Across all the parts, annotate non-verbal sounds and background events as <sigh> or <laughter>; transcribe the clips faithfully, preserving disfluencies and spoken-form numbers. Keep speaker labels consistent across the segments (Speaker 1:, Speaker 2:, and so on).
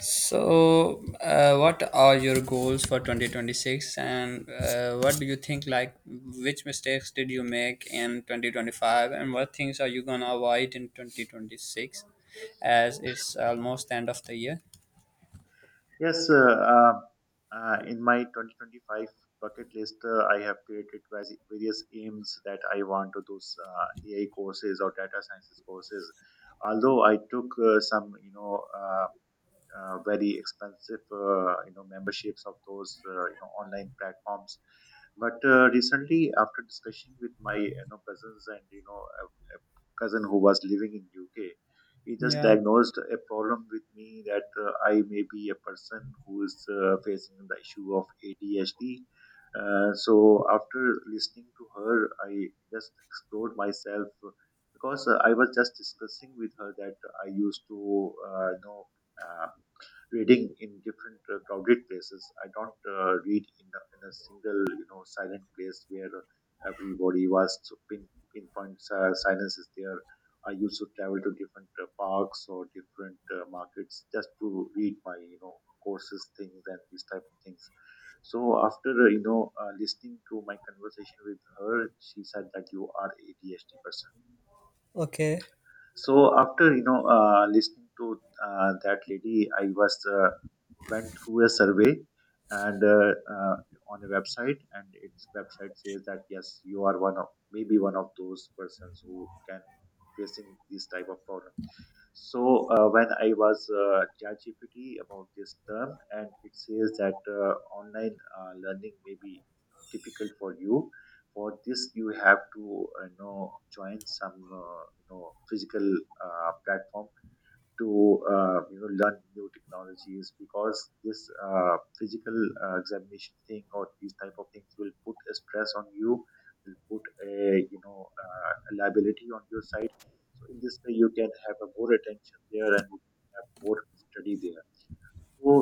Speaker 1: So, uh, what are your goals for twenty twenty-six and uh, what do you think like which mistakes did you make in twenty twenty-five and what things are you gonna avoid in twenty twenty-six as it's almost the end of the year?
Speaker 2: Yes, uh, uh, uh, in my twenty twenty-five bucket list, uh, I have created vas- various aims that I want to those uh, A I courses or data sciences courses. Although I took uh, some, you know, uh, uh, very expensive, uh, you know, memberships of those, uh, you know, online platforms. But uh, recently, after discussion with my, you know, cousins and you know, a, a cousin who was living in U K, he just
Speaker 1: Yeah,
Speaker 2: diagnosed a problem with me that uh, I may be a person who is uh, facing the issue of A D H D. Uh, so after listening to her, I just explored myself because uh, I was just discussing with her that I used to uh, you know. Uh, reading in different uh, crowded places. I don't uh, read in a, in a single, you know, silent place where uh, everybody was so pin, pinpoint uh, silence is there. I used to travel to different uh, parks or different uh, markets just to read my, you know, courses things and these type of things. So after uh, you know uh, listening to my conversation with her, she said that you are A D H D person.
Speaker 1: okay.
Speaker 2: So after you know uh, listening to uh, that lady, I was uh, went through a survey and uh, uh, on a website, and its website says that yes, you are one of, maybe one of those persons who can facing this type of problem. So uh, when I was uh, chatgpt about this term, and it says that uh, online uh, learning may be difficult for you. For this, you have to uh, you know join some uh, you know physical uh, platform to uh, you know learn new technologies, because this uh, physical uh, examination thing or these type of things will put a stress on you, will put a you know uh, a liability on your side. So in this way, you can have a more attention there and you can have more study there. So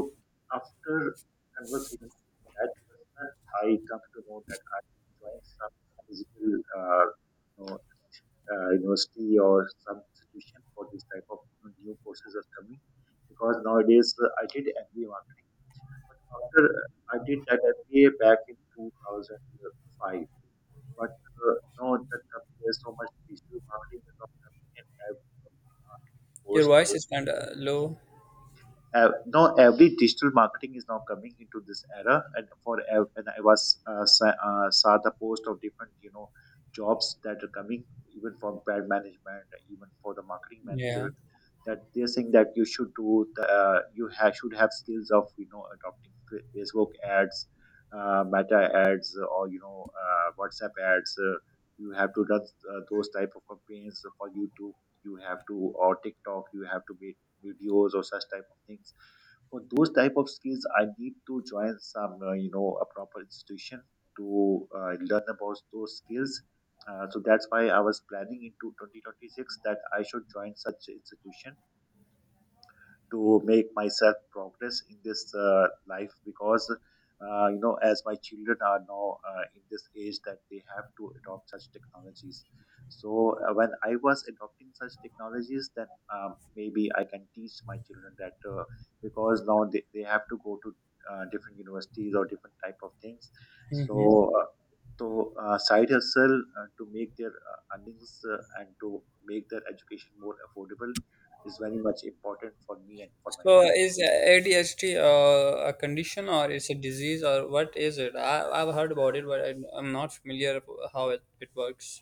Speaker 2: after conversation with that person, I come to know that I join some physical uh, you know, uh, university or some institution for this type of, you know, new courses are coming. Because nowadays, uh, I did M B A marketing, but after uh, I did that M B A back in two thousand five, but uh, no, the company is so much, digital marketing is not coming in every marketing
Speaker 1: Your
Speaker 2: course.
Speaker 1: voice is kind of low.
Speaker 2: Uh, now every digital marketing is now coming into this era. And for ev- and I was uh, sa- uh, saw the post of different, you know, jobs that are coming, even from brand management, even for the marketing
Speaker 1: Yeah.
Speaker 2: manager, that they're saying that you should do the, uh, you ha- should have skills of, you know, adopting Fa- facebook ads, uh, meta ads, or, you know uh, WhatsApp ads. Uh, you have to run uh, those type of campaigns for YouTube. You have to, or TikTok, you have to be videos or such type of things. For those type of skills, I need to join some, uh, you know a proper institution to uh, learn about those skills. Uh, so that's why I was planning into twenty twenty-six that I should join such institution to make myself progress in this uh, life. Because uh, you know as my children are now uh, in this age that they have to adopt such technologies. So uh, when I was adopting such technologies, then um, maybe I can teach my children that uh, because now they, they have to go to uh, different universities or different type of things.
Speaker 1: Hmm.
Speaker 2: So uh, to uh, side hustle, uh, to make their uh, earnings uh, and to make their education more affordable is very much important for me and for my
Speaker 1: So,
Speaker 2: family.
Speaker 1: is A D H D uh, a condition or it's a disease or what is it? I, I've heard about it, but I, I'm not familiar of how it, it works.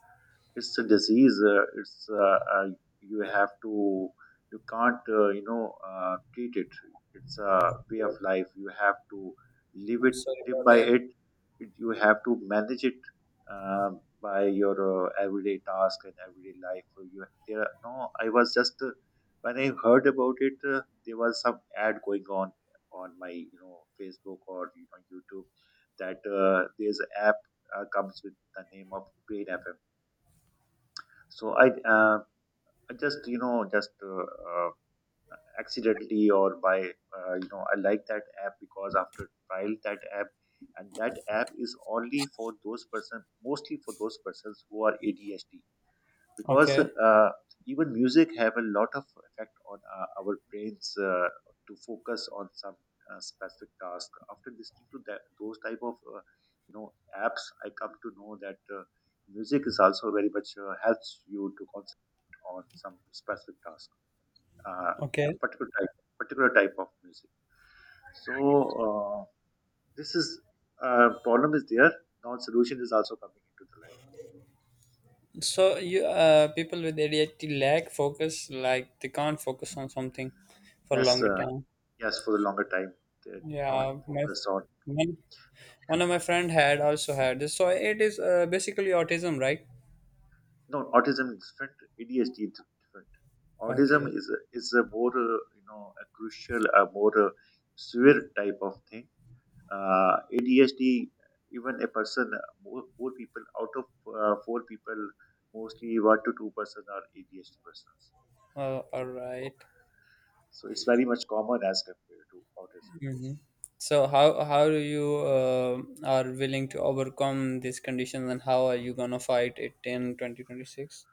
Speaker 2: It's a disease. Uh, it's uh, uh, You have to, you can't uh, you know uh, treat it. It's a way of life. You have to live
Speaker 1: I'm
Speaker 2: it,
Speaker 1: sorry
Speaker 2: live
Speaker 1: about
Speaker 2: by
Speaker 1: that.
Speaker 2: it. You have to manage it, um, by your uh, everyday task and everyday life. So you there are- no, I was just uh, when I heard about it, uh, there was some ad going on on my, you know, Facebook or, you know, YouTube, that uh, there's an app uh, comes with the name of Brain F M. So i uh, i just, you know, just uh, uh, accidentally or by uh, you know I like that app, because after trial that app, and that app is only for those person, mostly for those persons who are ADHD. Because
Speaker 1: Okay,
Speaker 2: uh, even music have a lot of effect on uh, our brains, uh, to focus on some uh, specific task. After listening to that, those type of, uh, you know apps, I come to know that uh, music is also very much uh, helps you to concentrate on some specific task. uh, a
Speaker 1: okay.
Speaker 2: particular type, particular type of music. So uh, this is, uh, problem is there, now solution is also coming into the light.
Speaker 1: So you uh, people with A D H D lack focus, like they can't focus on something for a
Speaker 2: yes
Speaker 1: longer
Speaker 2: uh,
Speaker 1: time.
Speaker 2: Yes, for the longer time, they don't
Speaker 1: Yeah, my,
Speaker 2: focus on.
Speaker 1: my one of my friend had also had this. So it is uh, basically autism, right?
Speaker 2: No, autism is different. A D H D is different. Autism
Speaker 1: Okay.
Speaker 2: is a, is a more uh, you know a crucial, a more uh, severe type of thing. Uh, A D H D, even a person, uh, more, more people out of uh, four people, mostly one to two person are A D H D persons.
Speaker 1: Oh, all
Speaker 2: So
Speaker 1: right.
Speaker 2: so it's very much common as compared to autism.
Speaker 1: Mm-hmm. So how how do you uh, are willing to overcome these conditions, and how are you gonna fight it in twenty twenty-six?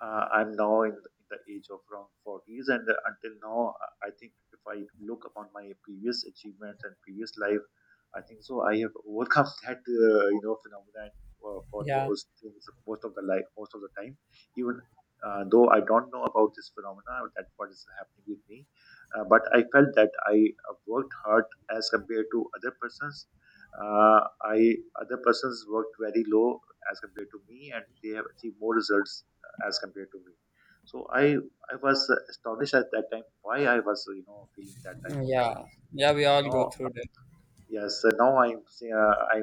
Speaker 2: uh, I'm now in the, in the age of around forties, and uh, until now, uh, I think if I look upon my previous achievements and previous life, I think so I have overcome <laughs> that uh, you know phenomenon uh, for
Speaker 1: Yeah,
Speaker 2: those things most of the life, most of the time. Even uh, though I don't know about this phenomena, that what is happening with me, uh, but I felt that I uh, worked hard as compared to other persons. Uh, I Other persons worked very low as compared to me, and they have achieved more results as compared to me. So I I was astonished at that time why I was, you know, feeling that type of
Speaker 1: yeah,
Speaker 2: problems.
Speaker 1: yeah. We
Speaker 2: So
Speaker 1: all go
Speaker 2: now,
Speaker 1: through that.
Speaker 2: yes uh, now I'm say- uh, I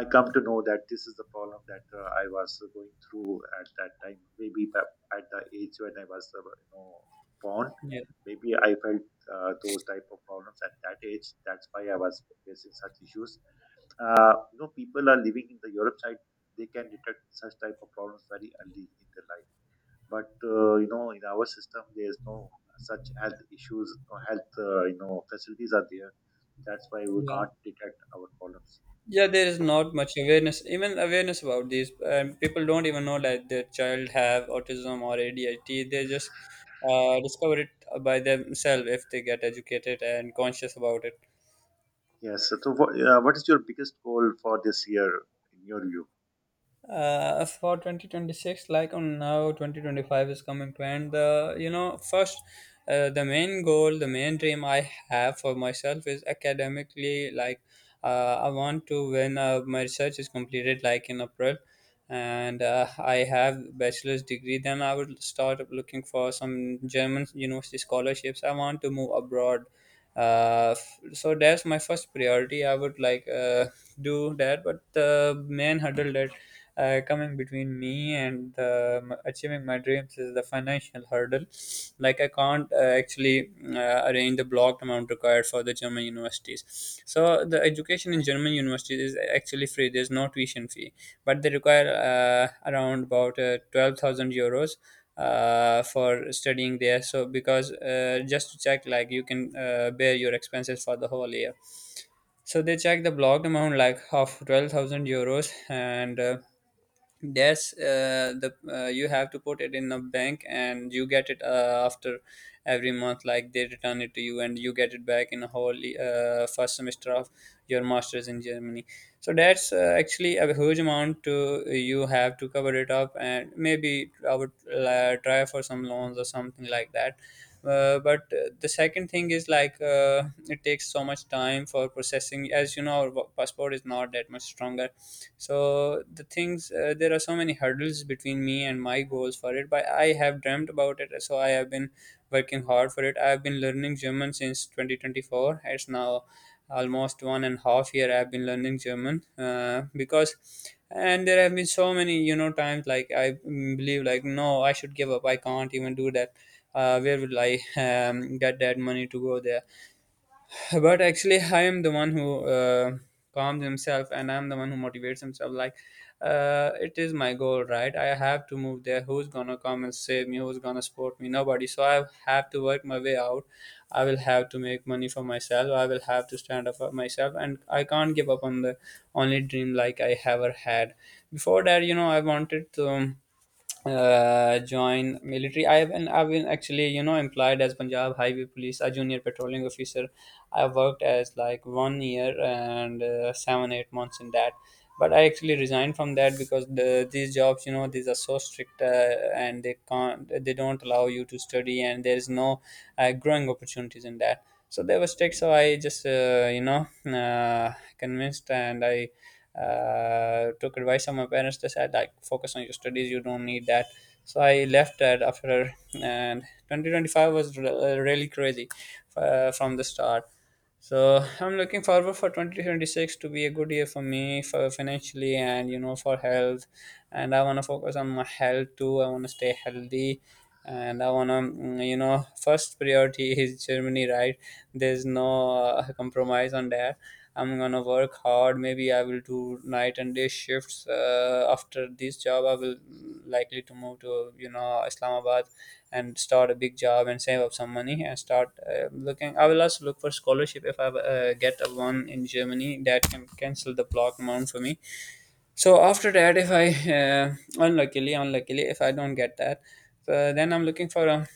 Speaker 2: I come to know that this is the problem that uh, I was going through at that time. Maybe that at the age when I was uh, you know born,
Speaker 1: Yeah,
Speaker 2: maybe I felt uh, those type of problems at that age. That's why I was facing such issues. Uh, you know, people are living in the Europe side. They can detect such type of problems very early in their life, but uh, you know, in our system, there is no such health issues or health uh, you know facilities are there. That's why we
Speaker 1: yeah.
Speaker 2: can't detect our problems.
Speaker 1: Yeah, there is not much awareness, even awareness about these, and people don't even know that their child have autism or A D H D. They just uh, discover it by themselves if they get educated and conscious about it.
Speaker 2: Yes. So, what, uh, what is your biggest goal for this year, in your view?
Speaker 1: Uh, for twenty twenty-six, like on now twenty twenty-five is coming to end. The you know first uh, the main goal, the main dream I have for myself is academically, like uh, I want to when uh, my research is completed like in April, and uh, I have bachelor's degree, then I would start looking for some German university scholarships. I want to move abroad. Uh, f- so that's my first priority. I would like, uh, do that. But the main hurdle that uh, coming between me and uh, m- achieving my dreams is the financial hurdle. Like, I can't uh, actually uh, arrange the blocked amount required for the German universities. So the education in German universities is actually free, there's no tuition fee, but they require uh, around about uh, twelve thousand euros uh, for studying there. So because uh, just to check, like you can uh, bear your expenses for the whole year. So they check the blocked amount like of twelve thousand euros and. Uh, that's uh, the uh, You have to put it in a bank and you get it uh, after every month. Like they return it to you and you get it back in a whole uh, first semester of your masters in Germany. So that's uh, actually a huge amount to you have to cover it up, and maybe I would uh, try for some loans or something like that. Uh, but uh, the second thing is like, uh, it takes so much time for processing. As you know, our passport is not that much stronger, so the things uh, there are so many hurdles between me and my goals for it. But I have dreamt about it, so I have been working hard for it. I have been learning German since twenty twenty-four. It's now almost one and a half year I've been learning German, uh, because. And there have been so many, you know, times like I mm, believe like, no, I should give up, I can't even do that. Uh, where will I <laughs> um, get that money to go there? But actually, I am the one who uh, calms himself, and I'm the one who motivates himself, like uh, it is my goal, right? I have to move there. Who's gonna come and save me? Who's gonna support me? Nobody. So I have to work my way out. I will have to make money for myself, I will have to stand up for myself, and I can't give up on the only dream like I ever had. Before that, you know, I wanted to um, uh, join military. I've been, I've been actually, you know, employed as Punjab Highway Police, a junior patrolling officer. I worked as like one year and uh, seven, eight months in that. But I actually resigned from that because the, these jobs, you know, these are so strict, uh, and they can't, they don't allow you to study, and there is no uh, growing opportunities in that. So they were strict. So I just, uh, you know, uh, convinced, and I uh, took advice from my parents. They said like focus on your studies, you don't need that. So I left that after, and twenty twenty-five was re- really crazy, uh, from the start. So I'm looking forward for twenty twenty-six to be a good year for me, for financially and, you know, for health. And I want to focus on my health too. I want to stay healthy, and I want to, you know, first priority is Germany, right? There's no uh, compromise on that. I'm gonna work hard. Maybe I will do night and day shifts. Uh, after this job, I will, mm, likely to move to, you know, Islamabad and start a big job and save up some money and start uh, looking. I will also look for scholarship if I uh, get a one in Germany that can cancel the block amount for me. So after that, if I uh, unluckily, unluckily, if I don't get that, uh, then I'm looking for a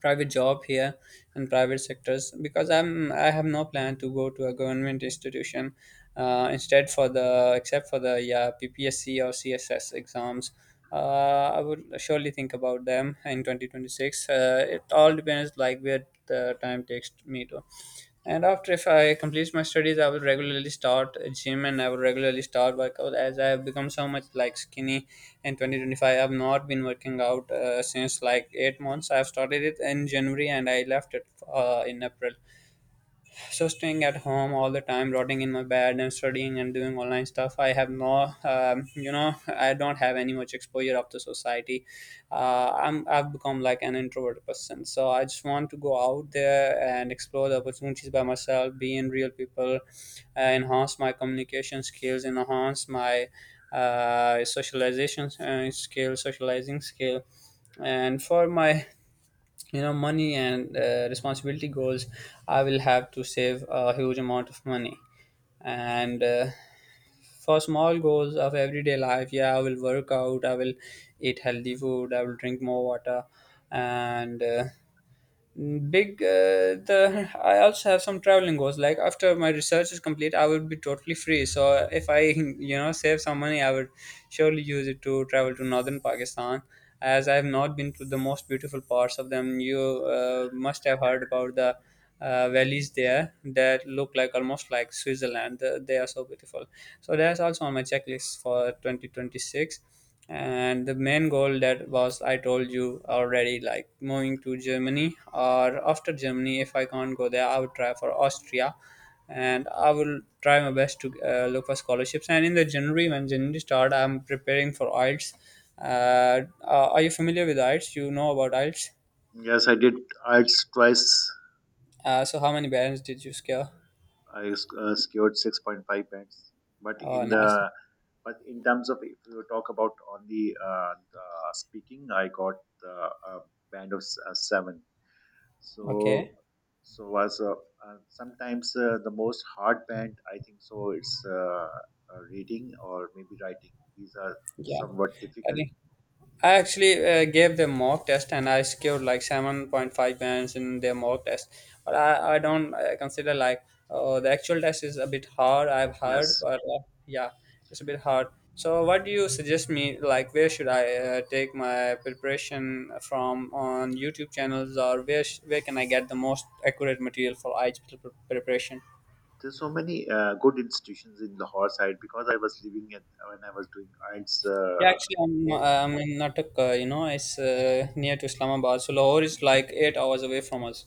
Speaker 1: private job here in private sectors because I'm I have no plan to go to a government institution. Uh, instead, for the except for the yeah P P S C or C S S exams, uh, I would surely think about them in twenty twenty-six. Uh, it all depends like where the time takes me to. And after if I complete my studies, I will regularly start a gym and I will regularly start workout, as I have become so much like skinny in twenty twenty-five. I have not been working out uh, since like eight months. I have started it in January and I left it uh, in April. So staying at home all the time, rotting in my bed and studying and doing online stuff, I have no, um, you know, I don't have any much exposure of the society. uh, i'm I've become like an introverted person. So I just want to go out there and explore the opportunities by myself, be in real people, uh, enhance my communication skills, enhance my uh, socialization uh, skill socializing skill. And for my, you know, money and uh, responsibility goals, I will have to save a huge amount of money. And uh, for small goals of everyday life, yeah, I will work out, I will eat healthy food, I will drink more water. And uh, big uh, the I also have some traveling goals, like after my research is complete, I would be totally free. So if I, you know, save some money, I would surely use it to travel to Northern Pakistan, as I have not been to the most beautiful parts of them. You uh, must have heard about the uh, valleys there that look like almost like Switzerland. Uh, they are so beautiful, so that's also on my checklist for twenty twenty-six. And the main goal that was I told you already, like moving to Germany, or after Germany, if I can't go there, I would try for Austria. And I will try my best to uh, look for scholarships. And in the January, when January start, I'm preparing for IELTS. uh, uh, are you familiar with IELTS, you know about IELTS?
Speaker 2: Yes, I did I E L T S twice.
Speaker 1: Uh, so how many bands did you scare?
Speaker 2: I uh, secured six point five points. But
Speaker 1: Oh,
Speaker 2: in
Speaker 1: nice.
Speaker 2: the but in terms of, if you talk about only uh, the speaking, I got the uh, band of s- uh, seven. so
Speaker 1: Okay.
Speaker 2: so was uh, uh, sometimes uh, the most hard band, I think so, it's uh, uh, reading or maybe writing, these are
Speaker 1: Yeah.
Speaker 2: somewhat
Speaker 1: I
Speaker 2: difficult.
Speaker 1: think I actually uh, gave them mock test, and I scored like seven point five bands in their mock test. But I, I don't uh, consider like, uh, the actual test is a bit hard, I've heard,
Speaker 2: Yes,
Speaker 1: but uh, yeah, it's a bit hard. So, what do you suggest me? Like, where should I uh, take my preparation from on YouTube channels, or where sh- where can I get the most accurate material for IELTS pre- preparation?
Speaker 2: there's so many uh, good institutions in Lahore side, because I was living at when I was doing IELTS.
Speaker 1: Yeah,
Speaker 2: Uh,
Speaker 1: actually, I'm,
Speaker 2: both.
Speaker 1: uh, I'm in Natak, uh, you know, it's uh, near to Islamabad. So, Lahore is like eight hours away from us.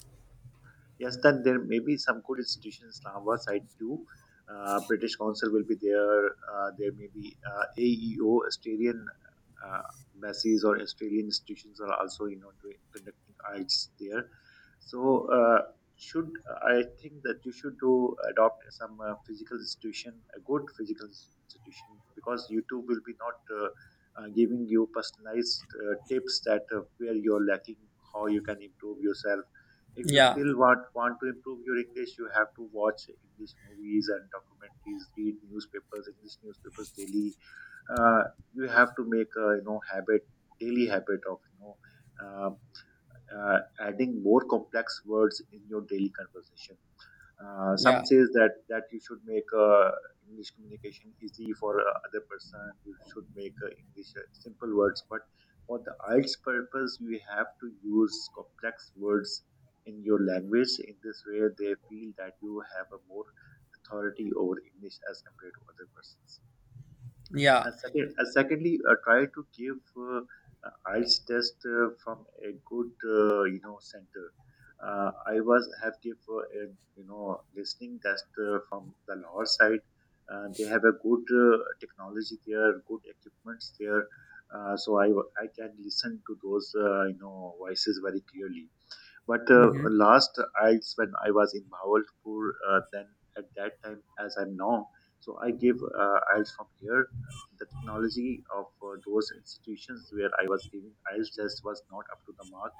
Speaker 2: Yes, then there may be some good institutions on our side too. Uh, British Council will be there. Uh, there may be uh, A E O, Australian uh, embassies or Australian institutions are also, you know, doing, conducting arts there. So uh, should, I think that you should do adopt some uh, physical institution, a good physical ins- institution, because you too will be not uh, uh, giving you personalized uh, tips that uh, where you're lacking, how you can improve yourself. If you
Speaker 1: Yeah.
Speaker 2: still want want to improve your English, you have to watch English movies and documentaries, read newspapers, English newspapers daily. uh, you have to make a, you know, habit, daily habit of, you know uh, uh, adding more complex words in your daily conversation. Uh, some
Speaker 1: Yeah,
Speaker 2: says that that you should make uh, English communication easy for uh, other person. You should make uh, English uh, simple words. But for the I E L T S purpose, you have to use complex words in your language. In this way, they feel that you have a more authority over English as compared to other persons.
Speaker 1: yeah.
Speaker 2: And second, and secondly, uh, try to give uh, uh, I E L T S test uh, from a good, uh, you know center. Uh, I was have give uh, a, you know, listening test uh, from the Lahore side. Uh, they have a good uh, technology there, good equipments there. Uh, so I, wa- I can listen to those, uh, you know voices very clearly. But uh,
Speaker 1: Hmm.
Speaker 2: last I when I was in Bahawalpur, uh, then at that time, as I'm now, so I give uh, I E L T S from here. The technology of uh, those institutions where I was giving IELTS test was not up to the mark.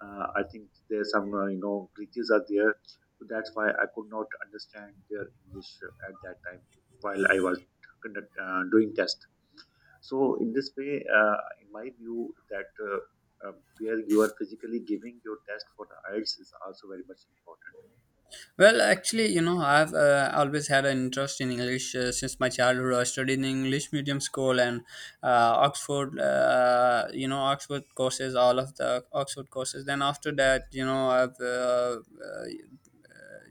Speaker 2: Uh, I think there's some uh, you know glitches are there, so that's why I could not understand their English at that time while I was conduct, uh, doing test. So in this way, uh, in my view, that uh, uh, where you are physically giving your test for the IELTS is also very much important.
Speaker 1: Well, actually, you know, I've uh, always had an interest in English uh, since my childhood. I studied in English medium school and uh, Oxford, uh, you know, Oxford courses, all of the Oxford courses. Then after that, you know, I've uh, uh,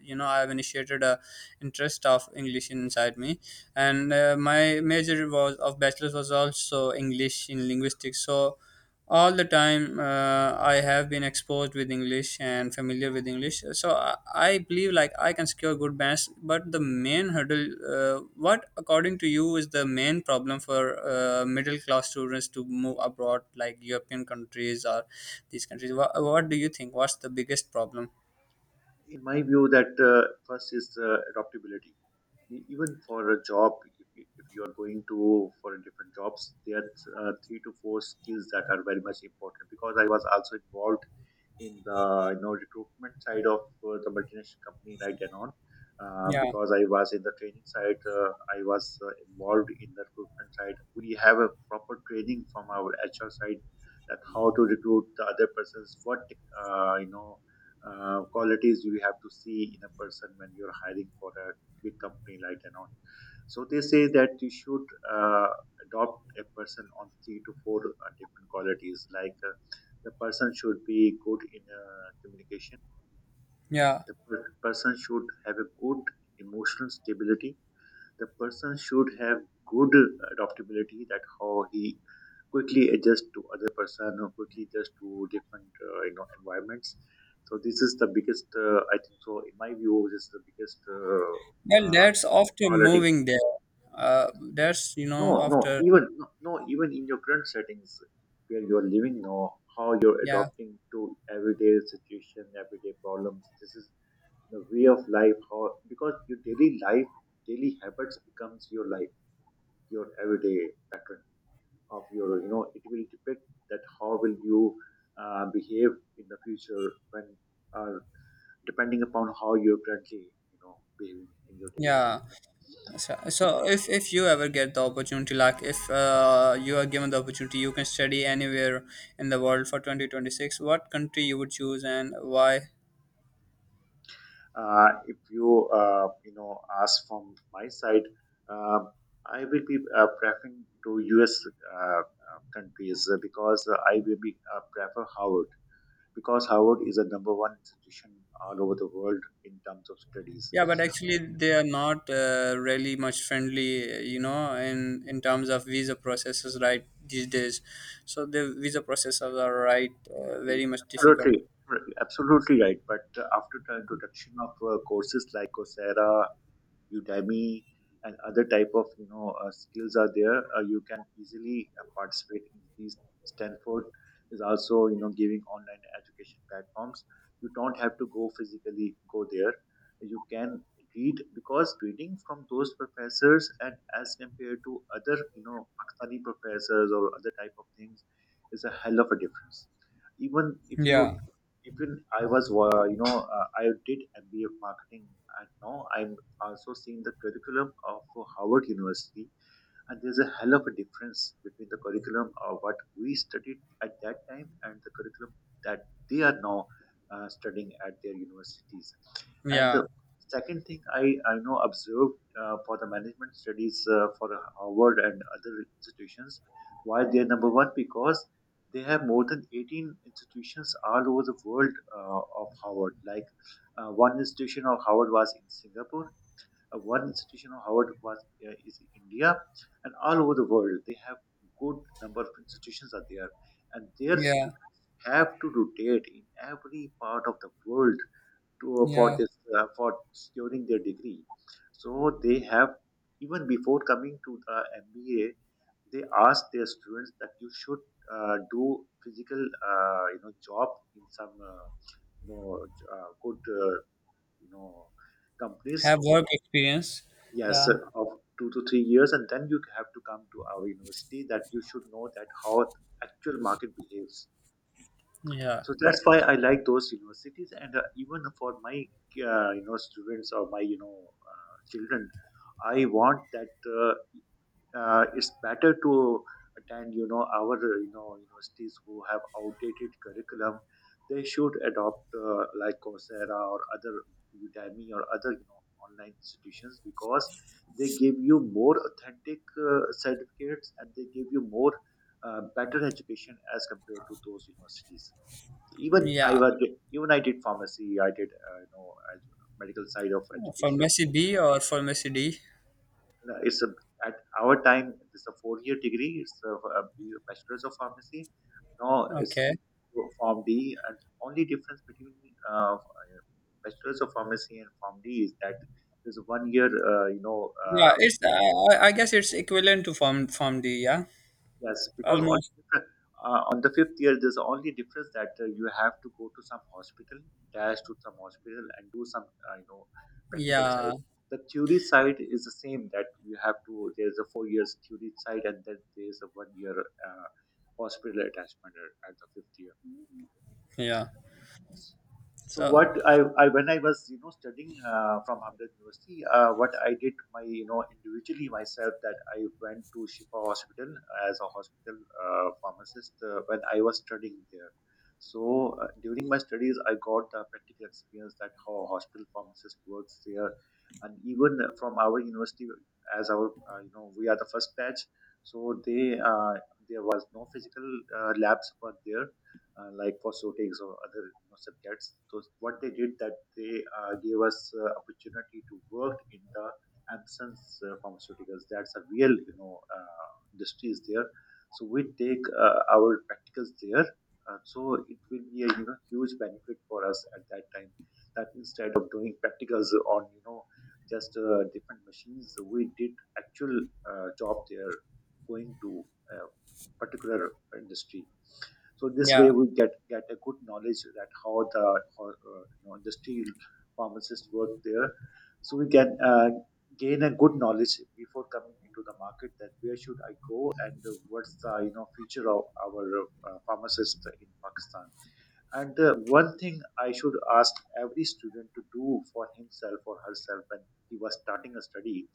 Speaker 1: you know I've initiated a interest of English inside me. And uh, my major was of bachelor's was also English in linguistics. So all the time, uh, I have been exposed with English and familiar with English. So i, I believe like I can secure good bands. But the main hurdle, uh, what according to you is the main problem for, uh, middle class students to move abroad, like European countries or these countries, what, what do you think what's the biggest problem?
Speaker 2: In my view, that uh, first is uh, adaptability. E- Even for a job, if you, if you are going to for a different jobs, there are uh, three to four skills that are very much important. Because I was also involved in the you know recruitment side of uh, the multinational company like and on. Uh,
Speaker 1: Yeah,
Speaker 2: because I was in the training side, uh, I was uh, involved in the recruitment side. We have a proper training from our H R side that how to recruit the other persons, what uh, you know uh, qualities you have to see in a person when you're hiring for a big company like and on. So they say that you should uh, adopt a person on three to four uh, different qualities like uh, the person should be good in uh, communication,
Speaker 1: yeah.
Speaker 2: the per- person should have a good emotional stability, the person should have good adaptability, that how he quickly adjust to other person or quickly adjust to different uh, you know environments. So this is the biggest uh, I think so, in my view this is the biggest uh,
Speaker 1: Well,
Speaker 2: uh,
Speaker 1: that's after
Speaker 2: quality.
Speaker 1: moving there. Uh, that's you know
Speaker 2: No, no,
Speaker 1: after.
Speaker 2: even no, no, even in your current settings where you're living now, how you're
Speaker 1: Yeah,
Speaker 2: adopting to everyday situation, everyday problems. This is the way of life. How, because your daily life, daily habits becomes your life, your everyday pattern of your. You know, it will depict that how will you uh, behave in the future when, uh, depending upon how you're currently, you know, behaving in your daily life.
Speaker 1: yeah. So, so if if you ever get the opportunity, like if uh, you are given the opportunity, you can study anywhere in the world for twenty twenty six. What country you would choose and why?
Speaker 2: Uh, if you uh, you know ask from my side, uh, I will be uh, preferring to U S. Uh, uh, countries uh, because uh, I will be uh, prefer Howard, because Howard is a number one institution all over the world in terms of studies.
Speaker 1: Yeah, but
Speaker 2: Uh,
Speaker 1: actually they are not uh, really much friendly, uh, you know, in in terms of visa processes right these days. So the visa processes are right, uh,
Speaker 2: You-
Speaker 1: very much difficult.
Speaker 2: Absolutely, absolutely right. But uh, after the introduction of uh, courses like Coursera, Udemy, and other type of you know uh, skills are there. Uh, you can easily uh, participate in these. Stanford is also you know giving online education platforms. You don't have to go physically go there. You can read, because reading from those professors and as compared to other you know Pakistani professors or other type of things is a hell of a difference. Even if you,
Speaker 1: Yeah,
Speaker 2: even I was, uh, you know, uh, I did M B A marketing. And now I'm also seen the curriculum of Howard University, and there's a hell of a difference between the curriculum of what we studied at that time and the curriculum that they are now uh, studying at their universities. And
Speaker 1: yeah,
Speaker 2: the second thing I, I know observed uh, for the management studies uh, for Harvard and other institutions, why they are number one, because they have more than eighteen institutions all over the world uh, of Harvard. Like uh, one institution of Harvard was in Singapore, uh, one institution of Howard was uh, is India, and all over the world they have good number of institutions are there, and their
Speaker 1: yeah,
Speaker 2: students have to rotate in every part of the world to uh, for
Speaker 1: yeah.
Speaker 2: this uh, for securing their degree. So they have, even before coming to the M B A, they ask their students that you should uh, do physical uh, you know job in some uh, you know uh, good uh, you know companies,
Speaker 1: Have work experience.
Speaker 2: yes,
Speaker 1: Yeah.
Speaker 2: uh, of two to three years, and then you have to come to our university, that you should know that how actual market behaves.
Speaker 1: Yeah.
Speaker 2: So that's why I like those universities, and uh, even for my uh, you know students or my you know uh, children, I want that uh, uh, it's better to attend you know our uh, you know universities who have outdated curriculum. They should adopt uh, like Coursera or other Udemy or other you know online institutions, because they give you more authentic uh, certificates and they give you more uh, better education as compared to those universities. Even I
Speaker 1: Yeah.
Speaker 2: was, even I did pharmacy, I did uh, you know ed- medical side of education.
Speaker 1: Pharmacy B or pharmacy D.
Speaker 2: It's a, at our time it's a four year degree, it's a, a bachelor's of pharmacy, now it's
Speaker 1: Okay.
Speaker 2: form d. And only difference between uh, bachelor's of pharmacy and form d is that there's a one year uh, you know
Speaker 1: Yeah,
Speaker 2: uh,
Speaker 1: it's uh, I I guess it's equivalent to form form D, yeah.
Speaker 2: yes, because all
Speaker 1: Almost.
Speaker 2: different, uh, on the fifth year, there's only difference that uh, you have to go to some hospital, dash to some hospital, and do some uh, you know practical
Speaker 1: Yeah.
Speaker 2: side. The theory side is the same that you have to. There's a four years theory side, and then there's a one year uh, hospital attachment at at the fifth year.
Speaker 1: Yeah.
Speaker 2: So
Speaker 1: So,
Speaker 2: what I, I when I was you know studying uh, from Hamdard University, uh, what I did my you know individually myself, that I went to Shifa Hospital as a hospital uh, pharmacist uh, when I was studying there. So uh, during my studies, I got the practical experience that how a hospital pharmacist works there, and even from our university, as our uh, you know we are the first batch, so they uh, there was no physical uh, labs were there uh, like phosphatics or other you know, subjects. So what they did, that they uh, gave us uh, opportunity to work in the absence uh, pharmaceuticals. That's a real you know uh, industries there. So we take uh, our practicals there. Uh, so it will be a you know huge benefit for us at that time. That instead of doing practicals on you know just uh, different machines, we did actual uh, job there, going to a particular industry. So this way
Speaker 1: yeah.
Speaker 2: we get get a good knowledge that how the how, uh, you know, industry pharmacists work there. So we can uh, gain a good knowledge before coming into the market, that where should I go and uh, what's the you know future of our uh, pharmacist in Pakistan. And uh, one thing I should ask every student to do for himself or herself when he was starting a study,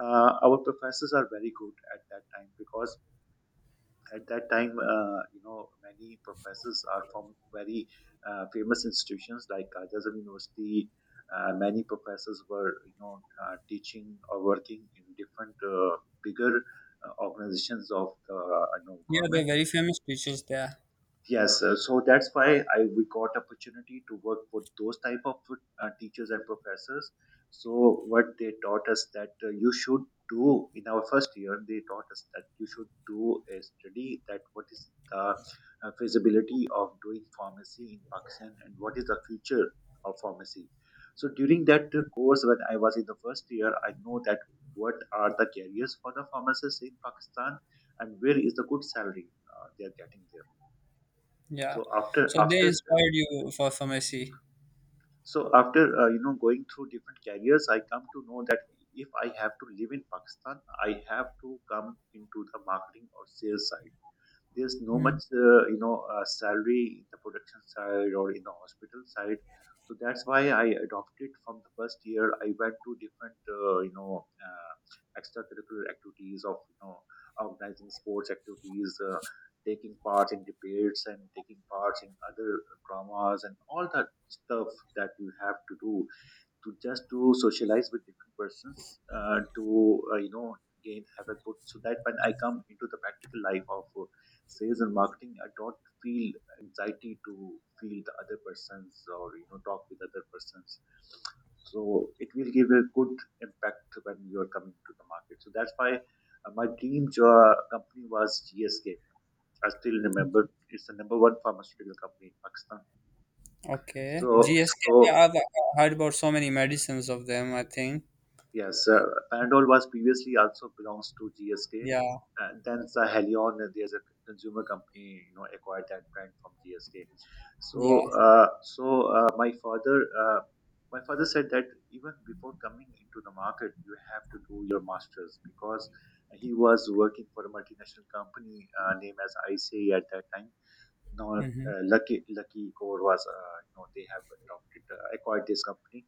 Speaker 2: uh, our professors are very good at that time, because at that time uh, you know many professors are from very uh, famous institutions like Kajazam University. Uh, many professors were you know uh, teaching or working in different uh, bigger uh, organizations of the uh, you know,
Speaker 1: Yeah, they're
Speaker 2: government.
Speaker 1: very famous teachers there.
Speaker 2: Yes, uh, so that's why I we got opportunity to work with those type of uh, teachers and professors. So what they taught us, that uh, you should do in our first year, they taught us that you should do a study that what is the uh, feasibility of doing pharmacy in Pakistan and what is the future of pharmacy. So during that uh, course, when I was in the first year, I know that what are the careers for the pharmacists in Pakistan and where is the good salary uh, they are getting there.
Speaker 1: Yeah.
Speaker 2: So after
Speaker 1: So they
Speaker 2: after
Speaker 1: inspired you for pharmacy.
Speaker 2: so after uh, you know going through different careers, I come to know that if I have to live in Pakistan, I have to come into the marketing or sales side. There's no
Speaker 1: Hmm.
Speaker 2: much uh, you know uh, salary in the production side or in the hospital side. So that's why I adopted from the first year, I went to different uh, you know uh, extracurricular activities of you know organizing sports activities, uh, taking part in debates and taking part in other dramas and all that stuff that you have to do, to just to socialize with different persons, uh, to uh, you know gain have a good, so that when I come into the practical life of uh, sales and marketing, I don't feel anxiety to feel the other persons or you know talk with other persons. So it will give a good impact when you are coming to the market. So that's why uh, my dream jo- uh, company was GSK. I still remember, it's the number one pharmaceutical company in Pakistan.
Speaker 1: Okay.
Speaker 2: So,
Speaker 1: G S K. Yeah,
Speaker 2: so,
Speaker 1: I've uh, heard about so many medicines of them, I think.
Speaker 2: yes, uh, Panadol was previously also belongs to G S K.
Speaker 1: Yeah.
Speaker 2: Uh, then the Helion, uh, there's a consumer company, you know, acquired that brand from G S K.
Speaker 1: Yeah.
Speaker 2: So, uh, so uh, my father, uh, my father said that even before coming into the market, you have to do your masters, because he was working for a multinational company uh, named as I C A at that time. Now,
Speaker 1: Mm-hmm.
Speaker 2: uh, Lucky Lucky Core was, uh, you know, they have adopted uh, acquired this company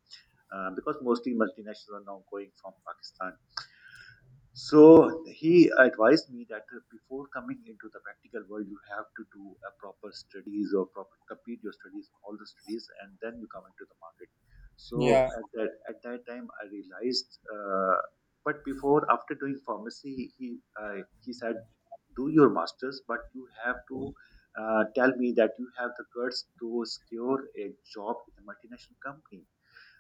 Speaker 2: uh, because mostly multinationals are now going from Pakistan. So he advised me that uh, before coming into the practical world, you have to do a proper studies or proper complete your studies, all the studies, and then you come into the market. So
Speaker 1: Yeah.
Speaker 2: at that at that time, I realized. Uh, but before, after doing pharmacy, he uh, he said, do your masters, but you have to uh, tell me that you have the guts to secure a job in a multinational company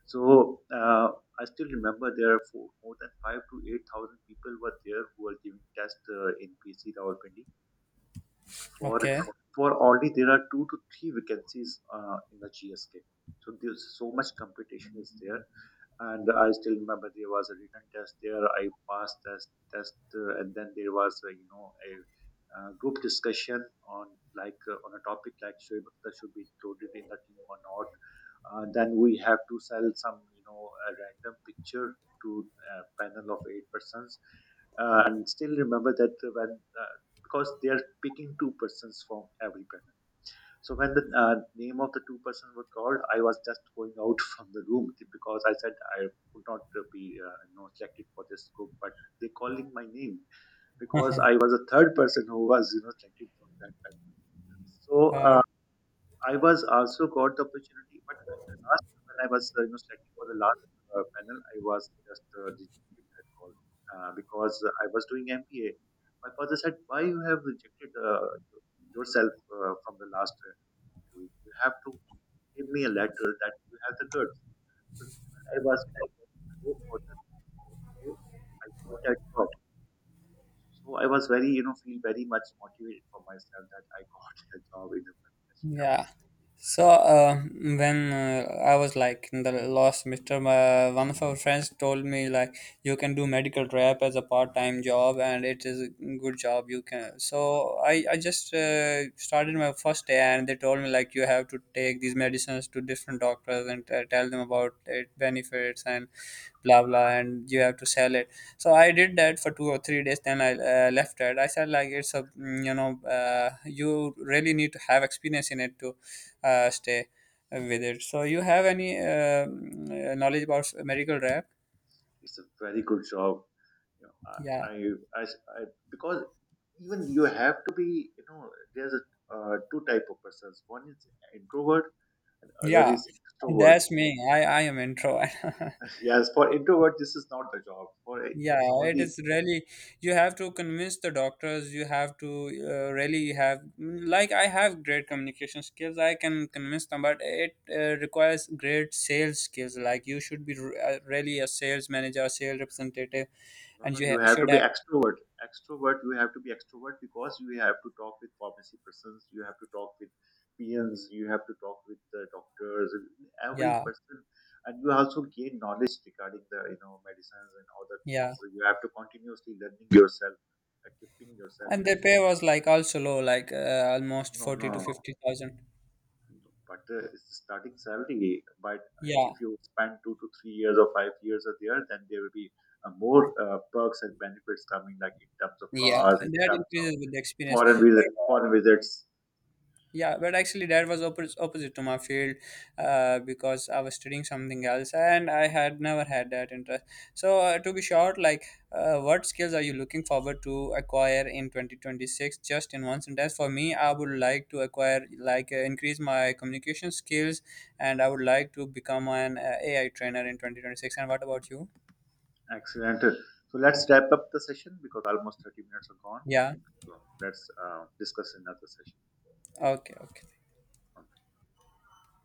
Speaker 2: so uh, I still remember there are four, more than five to eight thousand people were there who were giving test uh, in P C Rawalpindi for
Speaker 1: Okay.
Speaker 2: for already there are two to three vacancies uh, in the G S K. So there's so much competition is there, and I still remember there was a written test there. I passed that test, uh, and then there was uh, you know a uh, group discussion on like uh, on a topic like Shoaib Akhtar should be included in the team or not. Uh, then we have to sell some you know a random picture to a panel of eight persons, uh, and still remember that when uh, because they are picking two persons from every panel so when the uh, name of the two person were called, I was just going out <laughs> from the room because I said I could not uh, be uh, you know selected for this group. But they calling my name because I was a third person who was you know selected from that panel. So
Speaker 1: Uh,
Speaker 2: uh, I was also got the opportunity, but at the last when I was uh, you know selected for the last uh, panel, I was just uh, rejected that call uh, because I was doing M B A. My father said, "Why you have rejected uh, yourself uh, from the last?" uh, you. You have to give me a letter that you have the goods. So I was you know, very late for the interview. I got that job. So I was very, you know, feel very much motivated for myself that I got <laughs> a job in the multinational company.
Speaker 1: Yeah. So uh, when uh, I was like in the last semester, my, one of our friends told me like you can do medical rep as a part-time job, and it is a good job. You can. So I I just uh, started my first day, and they told me like you have to take these medicines to different doctors and uh, tell them about it benefits and blah blah, and you have to sell it. So I did that for two or three days. Then I uh, left it. I said like it's a mm, you know, uh, you really need to have experience in it to uh, stay with it. So you have any uh, mm, uh, knowledge about medical rap?
Speaker 2: It's a very good job. You know, I,
Speaker 1: Yeah,
Speaker 2: I, I, I because even you have to be, you know, there's a, uh, two type of persons. One is introvert and other
Speaker 1: yeah.
Speaker 2: is extrovert. <laughs>
Speaker 1: That's me. I I am intro. <laughs>
Speaker 2: Yes, for introvert, this is not the job. For
Speaker 1: Yeah,
Speaker 2: it's
Speaker 1: it
Speaker 2: only
Speaker 1: is really, you have to convince the doctors, you have to uh, really have, like, I have great communication skills, I can convince them, but it uh, requires great sales skills. Like, you should be r- uh, really a sales manager, a sales representative,
Speaker 2: no,
Speaker 1: and
Speaker 2: no,
Speaker 1: you
Speaker 2: you
Speaker 1: ha-
Speaker 2: have to
Speaker 1: should
Speaker 2: be
Speaker 1: have,
Speaker 2: extrovert. Extrovert, you have to be extrovert because you have to talk with pharmacy persons, you have to talk with P Ns, you have to talk with the doctors, every
Speaker 1: yeah,
Speaker 2: person, and you also gain knowledge regarding the you know medicines and other things.
Speaker 1: yeah.
Speaker 2: So you have to continuously learning yourself, equipping yourself.
Speaker 1: And the pay was like also low, like uh, almost
Speaker 2: No,
Speaker 1: forty to
Speaker 2: no,
Speaker 1: fifty thousand.
Speaker 2: but the it's the starting salary. But
Speaker 1: Yeah,
Speaker 2: if you spend two to three years or five years are there, then there will be uh, more uh, perks and benefits coming, like in terms of
Speaker 1: yeah,
Speaker 2: cars, in
Speaker 1: that
Speaker 2: terms of
Speaker 1: increases with the experience.
Speaker 2: foreign
Speaker 1: But
Speaker 2: visit, foreign visits.
Speaker 1: yeah, but actually that was oppos opposite to my field, uh, because I was studying something else, and I had never had that interest. So uh, to be short, like, uh, what skills are you looking forward to acquire in twenty twenty-six? Just in one sentence, for me, I would like to acquire, like, uh, increase my communication skills, and I would like to become an uh, AI trainer in twenty twenty-six. And what about you?
Speaker 2: Excellent. So let's wrap up the session because almost thirty minutes are gone.
Speaker 1: Yeah,
Speaker 2: So let's uh, discuss another session.
Speaker 1: okay, okay.